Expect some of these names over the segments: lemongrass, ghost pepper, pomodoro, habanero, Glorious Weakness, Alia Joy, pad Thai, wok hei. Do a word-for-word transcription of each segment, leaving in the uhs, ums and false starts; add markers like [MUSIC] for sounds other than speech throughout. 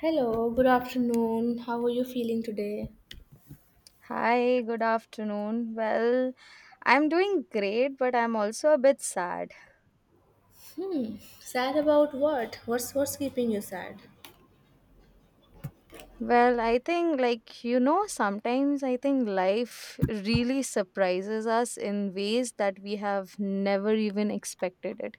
Hello, good afternoon. How are you feeling today? Hi, good afternoon. Well, I'm doing great, but I'm also a bit sad. Hmm, sad about what? What's what's keeping you sad? Well, I think, like, you know, sometimes I think life really surprises us in ways that we have never even expected it.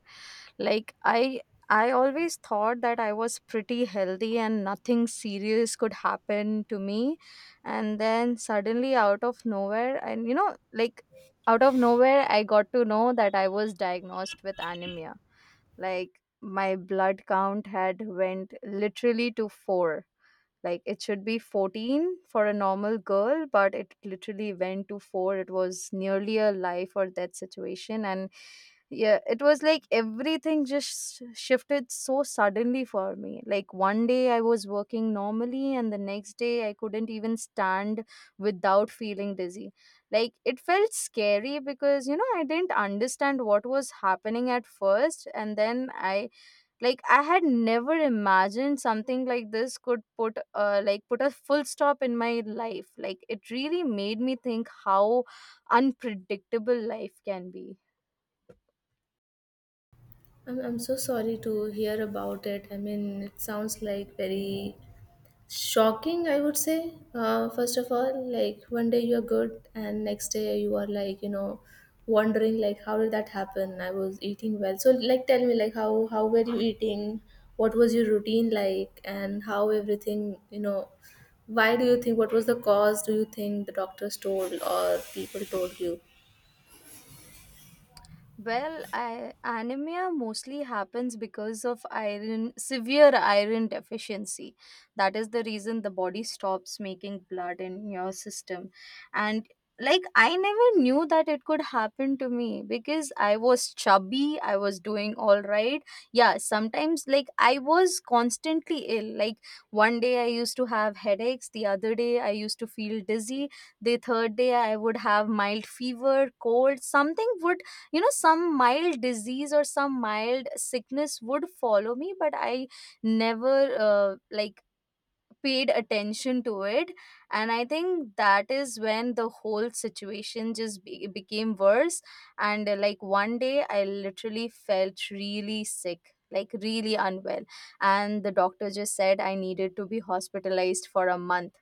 Like, I. I always thought that I was pretty healthy and nothing serious could happen to me. And then suddenly, out of nowhere, and you know, like out of nowhere, I got to know that I was diagnosed with anemia. Like, my blood count had went literally to four, like it should be fourteen for a normal girl, but it literally went to four. It was nearly a life or death situation. And yeah, it was like everything just shifted so suddenly for me. Like one day I was working normally, and the next day I couldn't even stand without feeling dizzy. Like it felt scary because, you know, I didn't understand what was happening at first. And then I like i had never imagined something like this could put uh, like put a full stop in my life. Like it really made me think how unpredictable life can be. I'm I'm so sorry to hear about it. I mean, it sounds like very shocking, I would say. Uh, first of all, like one day you're good and next day you are, like, you know wondering like how did that happen. I was eating well, so, like, tell me, like, how how were you eating? What was your routine like? And how everything, you know why do you think? What was the cause? Do you think the doctors told or people told you? Well, I, anemia mostly happens because of iron, severe iron deficiency. That is the reason the body stops making blood in your system. And like, I never knew that it could happen to me because I was chubby, I was doing all right. Yeah, sometimes like I was constantly ill. Like, one day I used to have headaches, the other day I used to feel dizzy, the third day I would have mild fever, cold, something would, you know some mild disease or some mild sickness would follow me. But I never uh, like paid attention to it, and I think that is when the whole situation just be- became worse. And uh, like one day I literally felt really sick, like really unwell, and the doctor just said I needed to be hospitalized for a month.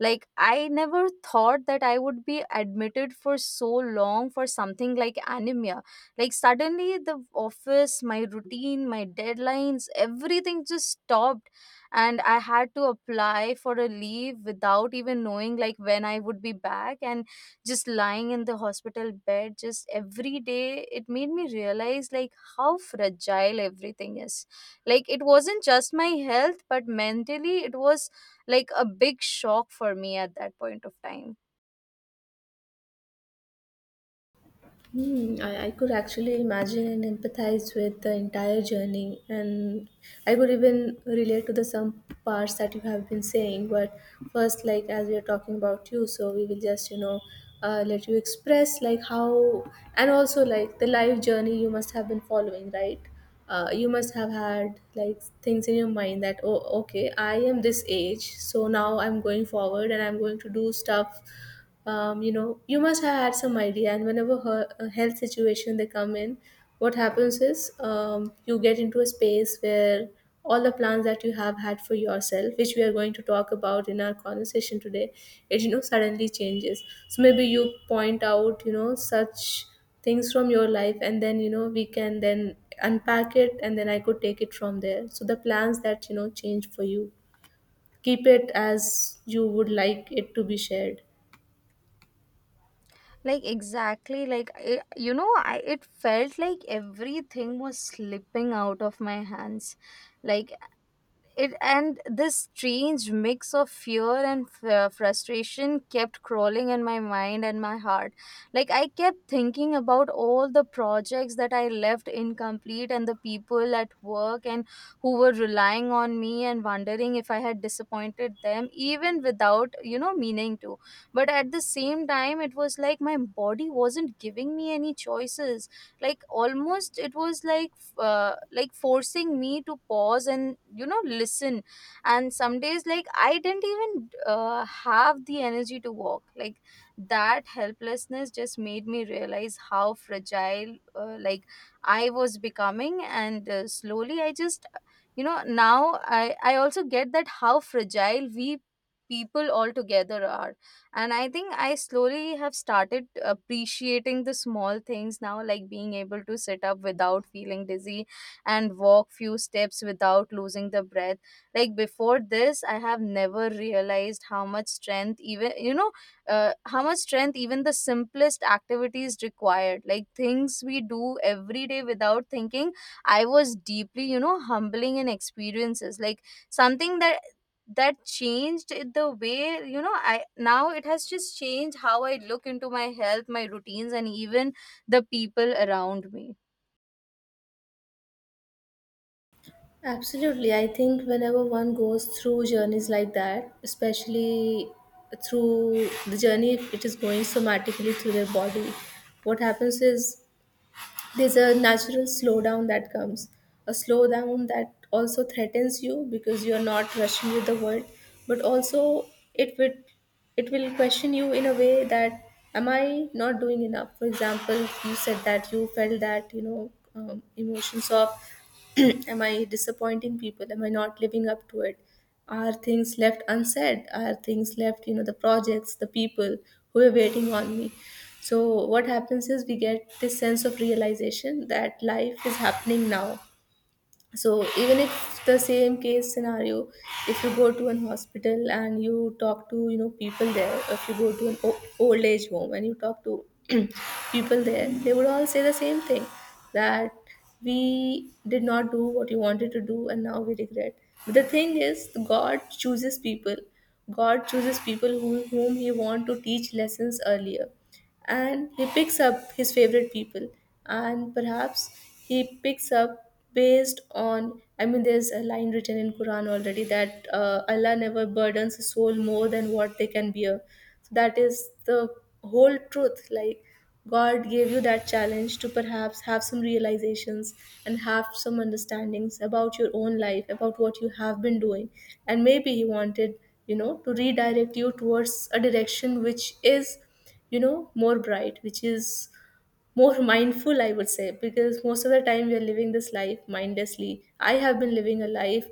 Like I never thought that I would be admitted for so long for something like anemia. Like suddenly the office, my routine, my deadlines, everything just stopped, and I had to apply for a leave without even knowing like when I would be back. And just lying in the hospital bed just every day, it made me realize like how fragile everything is. Like it wasn't just my health, but mentally it was like a big shock for me at that point of time. Hmm, I, I could actually imagine and empathize with the entire journey, and I could even relate to the some parts that you have been saying. But first, like, as we are talking about you, so we will just you know uh, let you express like how, and also like the life journey you must have been following, right? Uh, you must have had like things in your mind that, oh, okay, I am this age, so now I'm going forward and I'm going to do stuff. Um, you know, you must have had some idea. And whenever her, a health situation they come in, what happens is, um, you get into a space where all the plans that you have had for yourself, which we are going to talk about in our conversation today, it, you know suddenly changes. So maybe you point out, you know such things from your life, and then you know we can then unpack it, and then I could take it from there. So the plans that you know change for you, keep it as you would like it to be shared. Like exactly like I, you know I, It felt like everything was slipping out of my hands. Like it And this strange mix of fear and f- uh, frustration kept crawling in my mind and my heart. Like I kept thinking about all the projects that I left incomplete and the people at work and who were relying on me, and wondering if I had disappointed them even without you know meaning to. But at the same time, it was like my body wasn't giving me any choices. Like almost it was like uh, like forcing me to pause and, you know, listen. And some days like I didn't even uh, have the energy to walk. Like that helplessness just made me realize how fragile uh, like I was becoming. And uh, slowly I just, you know, now i i also get that how fragile we people altogether are. And I think I slowly have started appreciating the small things now, like being able to sit up without feeling dizzy and walk few steps without losing the breath. Like before this, I have never realized how much strength, even, you know uh, how much strength even the simplest activities required, like things we do every day without thinking. I was deeply, you know, humbling in experiences, like something that that changed it the way, you know, I now it has just changed how I look into my health, my routines, and even the people around me. Absolutely. I think whenever one goes through journeys like that, especially through the journey, if it is going somatically through their body, what happens is there's a natural slowdown that comes, a slowdown that also threatens you because you're not rushing with the world, but also it will, it will question you in a way that, am I not doing enough, for example? You said that you felt that, you know um, emotions of [CLEARS THROAT] am I disappointing people, am I not living up to it, are things left unsaid, are things left, you know the projects, the people who are waiting on me. So, what happens is we get this sense of realization that life is happening now. So, even if the same case scenario, if you go to an hospital and you talk to you know people there, if you go to an o- old age home and you talk to [CLEARS THROAT] people there, they would all say the same thing, that we did not do what we wanted to do and now we regret. But the thing is, God chooses people. God chooses people who, whom He want to teach lessons earlier, and He picks up His favorite people, and perhaps He picks up based on, I mean, there's a line written in Quran already that uh, Allah never burdens a soul more than what they can bear. So that is the whole truth. Like, God gave you that challenge to perhaps have some realizations and have some understandings about your own life, about what you have been doing. And maybe He wanted, you know to redirect you towards a direction which is, you know more bright, which is more mindful, I would say, because most of the time we are living this life mindlessly. I have been living a life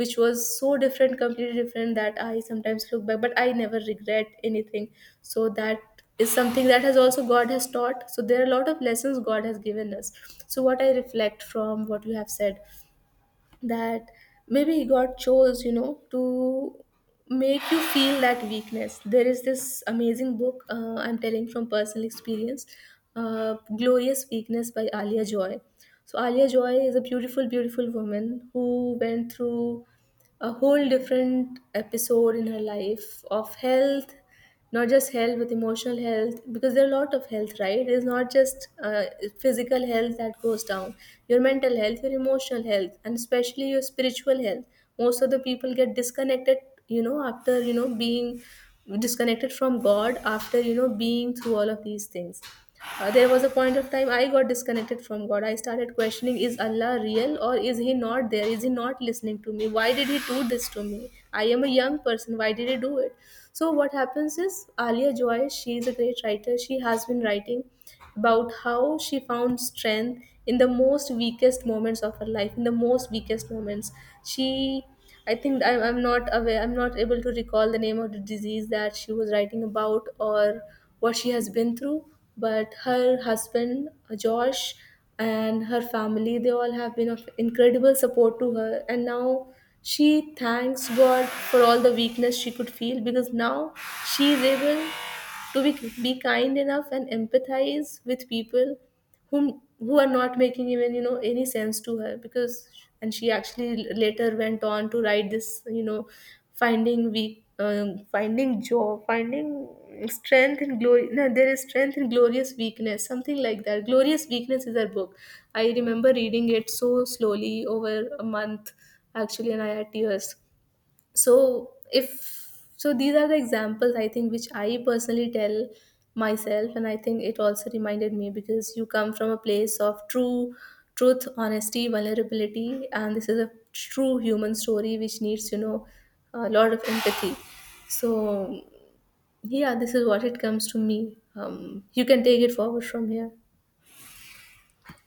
which was so different, completely different, that I sometimes look back but I never regret anything. So that is something that has also God has taught. So there are a lot of lessons God has given us. So what I reflect from what you have said, that maybe God chose, you know, to make you feel that weakness. There is this amazing book, uh, I'm telling from personal experience, uh, Glorious Weakness by Alia Joy. So, Alia Joy is a beautiful, beautiful woman who went through a whole different episode in her life of health, not just health, with emotional health, because there are a lot of health, right? It's not just uh, physical health that goes down. Your mental health, your emotional health, and especially your spiritual health, most of the people get disconnected, you know after, you know being disconnected from God, after, you know being through all of these things. Uh, there was a point of time I got disconnected from God. I started questioning, is Allah real or is He not there? Is He not listening to me? Why did He do this to me? I am a young person. Why did He do it? So, what happens is, Alia Joy, she is a great writer. She has been writing about how she found strength in the most weakest moments of her life. In the most weakest moments, she, I think I, am, I'm not aware, I'm not able to recall the name of the disease that she was writing about or what she has been through. But her husband, uh, Josh, and her family, they all have been of incredible support to her. And now she thanks God for all the weakness she could feel, because now she is able to be, be kind enough and empathize with people whom, who are not making even you know any sense to her because, and she actually later went on to write this, you know finding weak, um, finding joy, finding strength in glory, no, there is strength in glorious weakness, something like that. Glorious Weakness is her book. I remember reading it so slowly over a month actually, and I had tears. So if, so these are the examples I think, which I personally tell myself. And I think it also reminded me because you come from a place of true truth, honesty, vulnerability, and this is a true human story which needs, you know a lot of empathy. So, yeah, this is what it comes to me. Um, you can take it forward from here.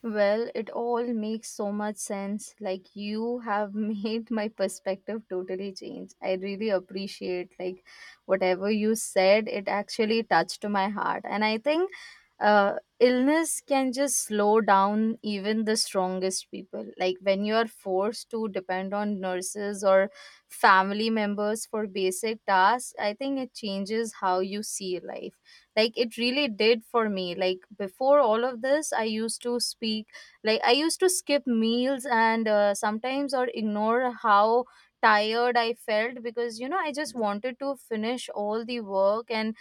Well, it all makes so much sense. Like you have [LAUGHS] made my perspective totally change. I really appreciate like whatever you said, it actually touched my heart. And I think uh, illness can just slow down even the strongest people. Like when you are forced to depend on nurses or family members for basic tasks, I think it changes how you see life. Like it really did for me. Like before all of this, I used to speak, like I used to skip meals and uh, sometimes or ignore how tired I felt because, you know, I just wanted to finish all the work and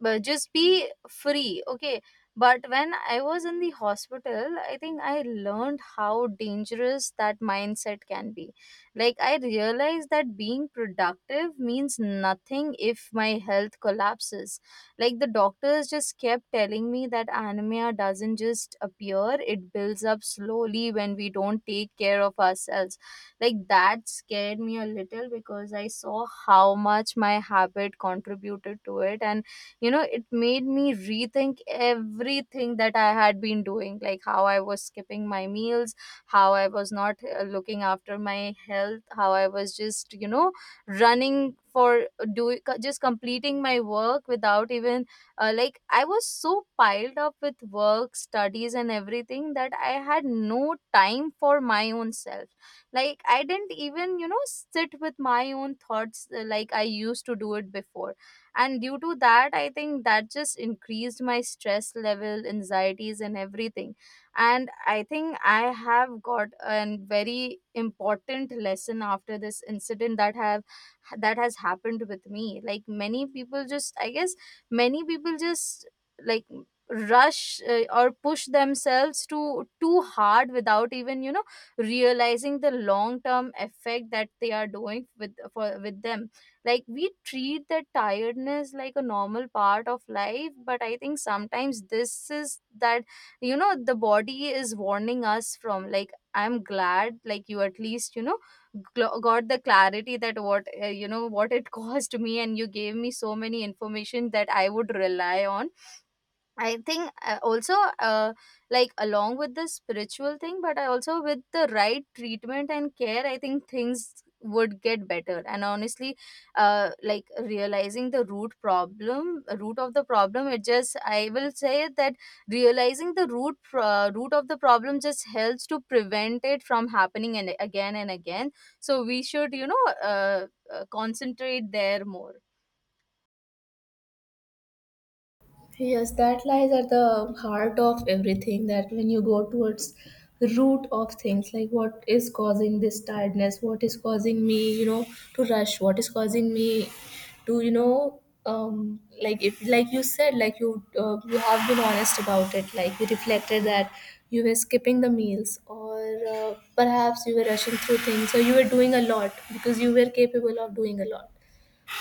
but just be free. Okay, but when I was in the hospital, I think I learned how dangerous that mindset can be. Like I realized that being productive means nothing if my health collapses. Like the doctors just kept telling me that anemia doesn't just appear, it builds up slowly when we don't take care of ourselves. Like that scared me a little because I saw how much my habit contributed to it, and you know it made me rethink everything that I had been doing. Like how I was skipping my meals, how I was not uh, looking after my health, how I was just, you know, running for doing, just completing my work without even uh, like I was so piled up with work, studies, and everything that I had no time for my own self. Like I didn't even, you know, sit with my own thoughts, uh, like I used to do it before. And due to that, I think that just increased my stress level, anxieties, and everything. And I think I have got a very important lesson after this incident that have that has happened with me. Like many people just, I guess, many people just like rush uh, or push themselves to too hard without even, you know, realizing the long term effect that they are doing with for with them. Like we treat that tiredness like a normal part of life, but I think sometimes this is that, you know, the body is warning us from. Like I'm glad, like you at least, you know, gl- got the clarity that what uh, you know what it [LAUGHS] caused me. And you gave me so many information that I would rely on. I think uh, also uh, like along with the spiritual thing, but I also with the right treatment and care, I think things would get better. And honestly, uh, like realizing the root problem, root of the problem, it just, I will say that realizing the root pro- root of the problem just helps to prevent it from happening and again and again. So we should, you know, uh, uh, concentrate there more. Yes, that lies at the heart of everything. That when you go towards the root of things, like what is causing this tiredness, what is causing me, you know, to rush, what is causing me to, you know, um, like if, like you, said, like you, uh, you have been honest about it. Like you reflected that you were skipping the meals, or uh, perhaps you were rushing through things, or you were doing a lot because you were capable of doing a lot.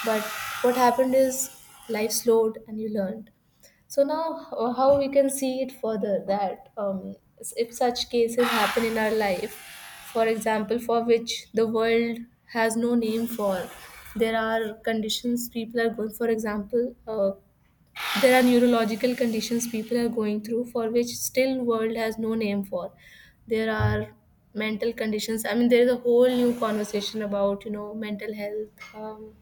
But what happened is, life slowed and you learned. So now, uh, how we can see it further, that um, s- if such cases happen in our life, for example, for which the world has no name for, there are conditions people are going. For example, uh, there are neurological conditions people are going through for which still world has no name for. There are mental conditions, I mean, there is a whole new conversation about, you know mental health, um,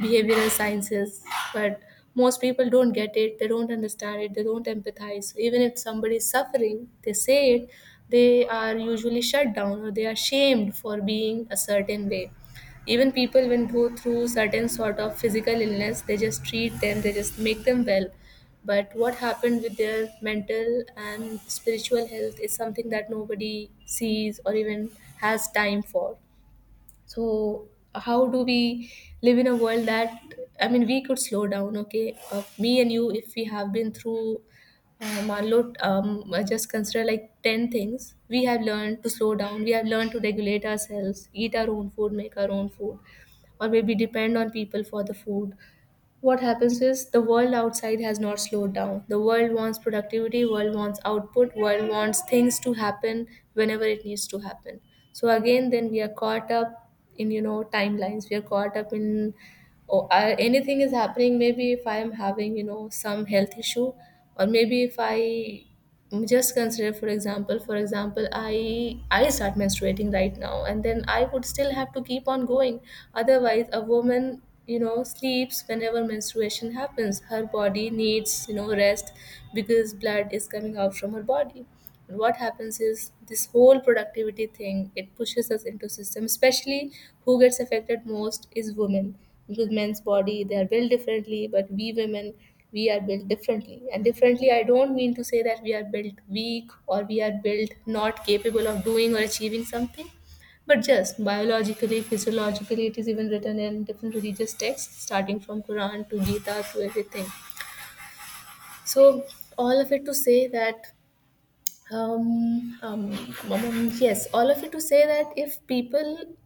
behavioral sciences, but most people don't get it, they don't understand it, they don't empathize. So even if somebody is suffering, they say it, they are usually shut down, or they are shamed for being a certain way. Even people when go through certain sort of physical illness, they just treat them, they just make them well. But what happened with their mental and spiritual health is something that nobody sees or even has time for. So, how do we live in a world that, I mean, we could slow down. Okay, uh, me and you, if we have been through uh, manlo, um, just consider, like, ten things we have learned to slow down, we have learned to regulate ourselves, eat our own food, make our own food, or maybe depend on people for the food. What happens is, the world outside has not slowed down. The world wants productivity, world wants output, world wants things to happen whenever it needs to happen. So again, then, we are caught up in, you know timelines, we are caught up in, oh, I, anything is happening, maybe if I am having, you know some health issue, or maybe if I just consider for example, for example i i start menstruating right now and then I would still have to keep on going. Otherwise, a woman, you know sleeps whenever menstruation happens, her body needs, you know rest, because blood is coming out from her body. And what happens is, this whole productivity thing, it pushes us into system, especially who gets affected most is women. Because men's body, they are built differently, but we women, we are built differently. And differently, I don't mean to say that we are built weak or we are built not capable of doing or achieving something, but just biologically, physiologically, it is even written in different religious texts, starting from Quran to Gita to everything. So all of it to say that um, um, um, um, yes, all of it to say that if people,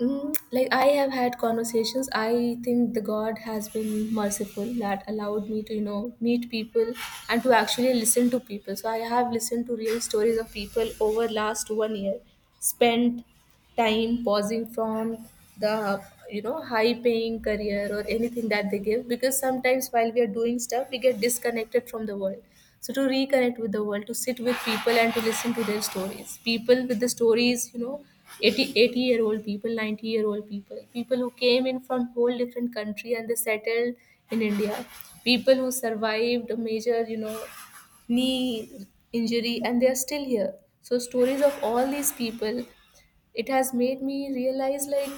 mm, like I have had conversations. I think the God has been merciful that allowed me to, you know, meet people and to actually listen to people. So I have listened to real stories of people over last one year, spent time pausing from the you know high paying career or anything that they give, because sometimes while we are doing stuff we get disconnected from the world. So to reconnect with the world, to sit with people and to listen to their stories, people with the stories, you know eighty eighty year old people, ninety year old people, people who came in from whole different country and they settled in India. People who survived a major you know knee injury, and they are still here. So stories of all these people, it has made me realize, like,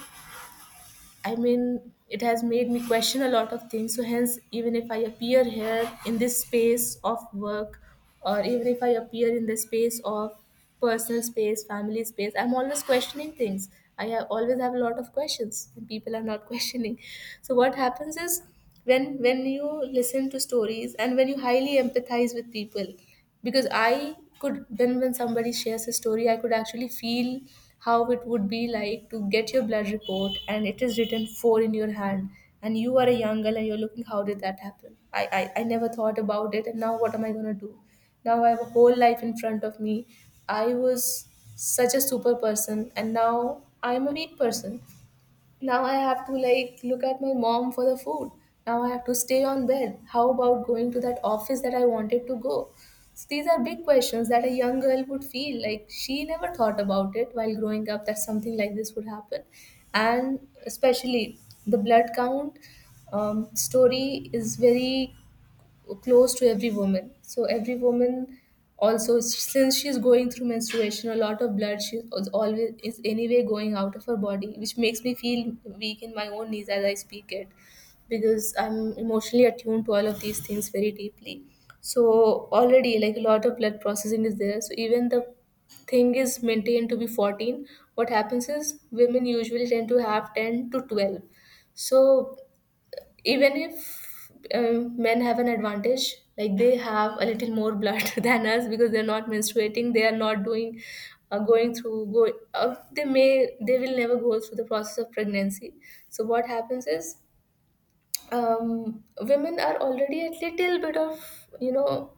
I mean, it has made me question a lot of things. So, hence, even if I appear here in this space of work, or even if I appear in the space of personal space, family space, I'm always questioning things. I have, always have a lot of questions, and people are not [LAUGHS] questioning. So, what happens is, when when you listen to stories and when you highly empathize with people, because I could, then when somebody shares a story, I could actually feel how it would be like to get your blood report and it is written four in your hand, and you are a young girl and you're looking, how did that happen? I, I i never thought about it, and now what am I going to do? Now I have a whole life in front of me. I was such a super person, and now I'm a weak person. Now I have to like look at my mom for the food. Now I have to stay on bed. How about going to that office that I wanted to go? So these are big questions that a young girl would feel like she never thought about it while growing up, that something like this would happen. And especially the blood count um, story is very close to every woman. So every woman also, since she's going through menstruation, a lot of blood she is always is anyway going out of her body, which makes me feel weak in my own knees as I speak it, because I'm emotionally attuned to all of these things very deeply. So already like a lot of blood processing is there. So even the thing is maintained to be fourteen, what happens is women usually tend to have ten to twelve. So even if uh, men have an advantage, like they have a little more blood [LAUGHS] than us because they're not menstruating, they are not doing uh, going through go uh, they may they will never go through the process of pregnancy. So what happens is, um, women are already a little bit of, you know,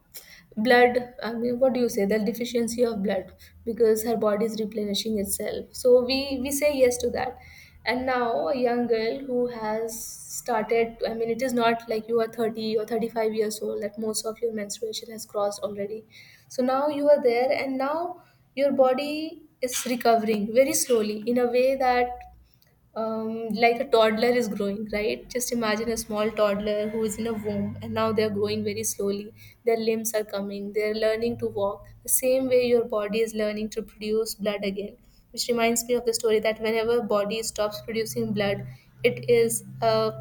blood, I mean, what do you say, the deficiency of blood, because her body is replenishing itself, so we we say yes to that. And now a young girl who has started, I mean, it is not like you are thirty or thirty-five years old that most of your menstruation has crossed already. So now you are there, and now your body is recovering very slowly, in a way that um, like a toddler is growing, right? Just imagine a small toddler who is in a womb and now they're growing very slowly. Their limbs are coming, they're learning to walk. The same way your body is learning to produce blood again, which reminds me of the story that whenever body stops producing blood, it is a,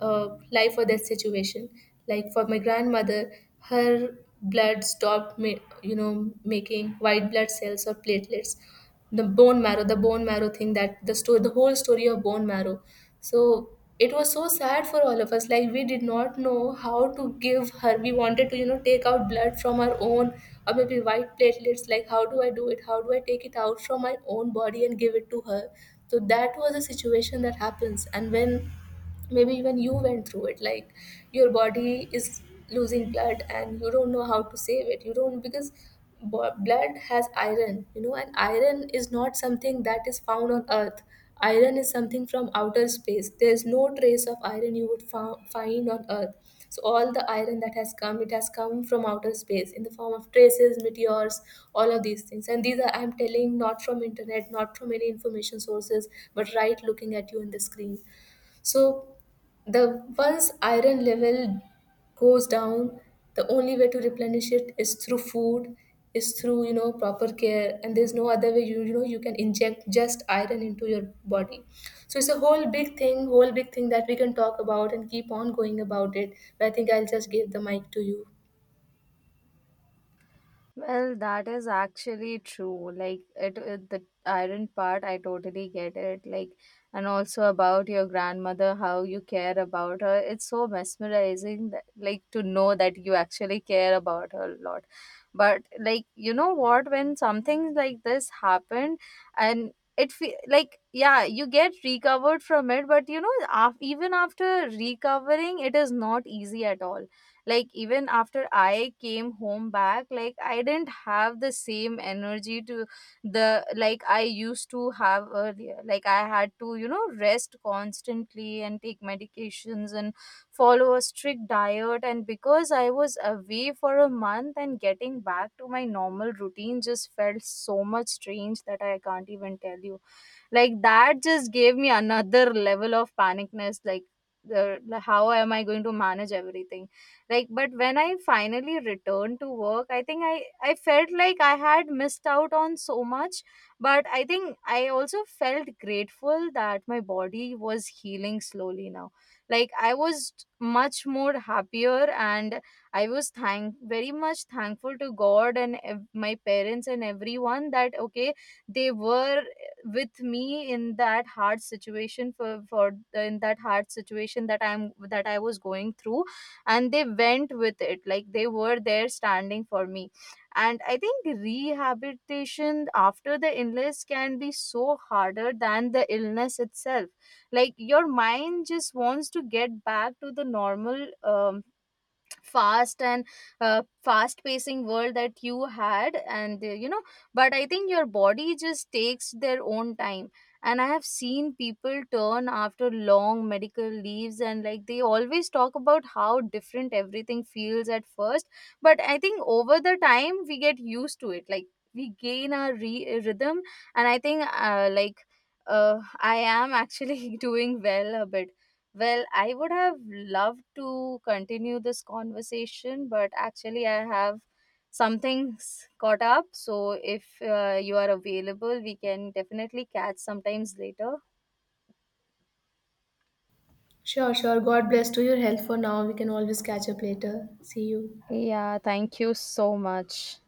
a life or death situation. Like for my grandmother, her blood stopped, ma- you know, making white blood cells or platelets, the bone marrow, the bone marrow thing, that the story, the whole story of bone marrow. So it was so sad for all of us. Like we did not know how to give her. We wanted to, you know, take out blood from her own, or maybe white platelets. Like how do I do it? How do I take it out from my own body and give it to her? So that was a situation that happens. And when maybe even you went through it, like your body is losing blood and you don't know how to save it, you don't, because bo- blood has iron, you know, and iron is not something that is found on earth. Iron is something from outer space, there's no trace of iron you would fou- find on earth. So all the iron that has come, it has come from outer space, in the form of traces, meteors, all of these things. And these are, I'm telling, not from internet, not from any information sources, but right looking at you in the screen. So the once iron level goes down, the only way to replenish it is through food, is through, you know, proper care, and there's no other way you, you know you can inject just iron into your body. So it's a whole big thing, whole big thing that we can talk about and keep on going about it, but I think I'll just give the mic to you. Well, that is actually true. Like it, it, the iron part, I totally get it. Like, and also about your grandmother, how you care about her. It's so mesmerizing, that, like, to know that you actually care about her a lot. But like, you know what? When something like this happened, and it fe- like yeah, you get recovered from it. But you know, af- even after recovering, it is not easy at all. Like even after I came home back, like I didn't have the same energy to the, like I used to have earlier. Like I had to, you know, rest constantly and take medications and follow a strict diet. And because I was away for a month and getting back to my normal routine just felt so much strange that I can't even tell you. Like that just gave me another level of panicness. Like the, the- how am I going to manage everything. Like, but when I finally returned to work, I think i i felt like I had missed out on so much. But I think I also felt grateful that my body was healing slowly now. Like I was much more happier, and I was thank very much thankful to God, and ev- my parents and everyone, that okay, they were with me in that hard situation, for for in that hard situation that I'm that I was going through, and they went with it. Like they were there standing for me. And I think rehabilitation after the illness can be so harder than the illness itself. Like your mind just wants to get back to the normal um, fast and uh, fast pacing world that you had. And uh, you know but I think your body just takes their own time. And I have seen people turn after long medical leaves, and like they always talk about how different everything feels at first. But I think over the time we get used to it. Like we gain our re- uh, rhythm. And I think uh, like uh, I am actually [LAUGHS] doing well a bit. Well, I would have loved to continue this conversation, but actually, I have some things caught up. So, if uh, you are available, we can definitely catch sometimes later. Sure, sure. God bless to your health for now. We can always catch up later. See you. Yeah, thank you so much.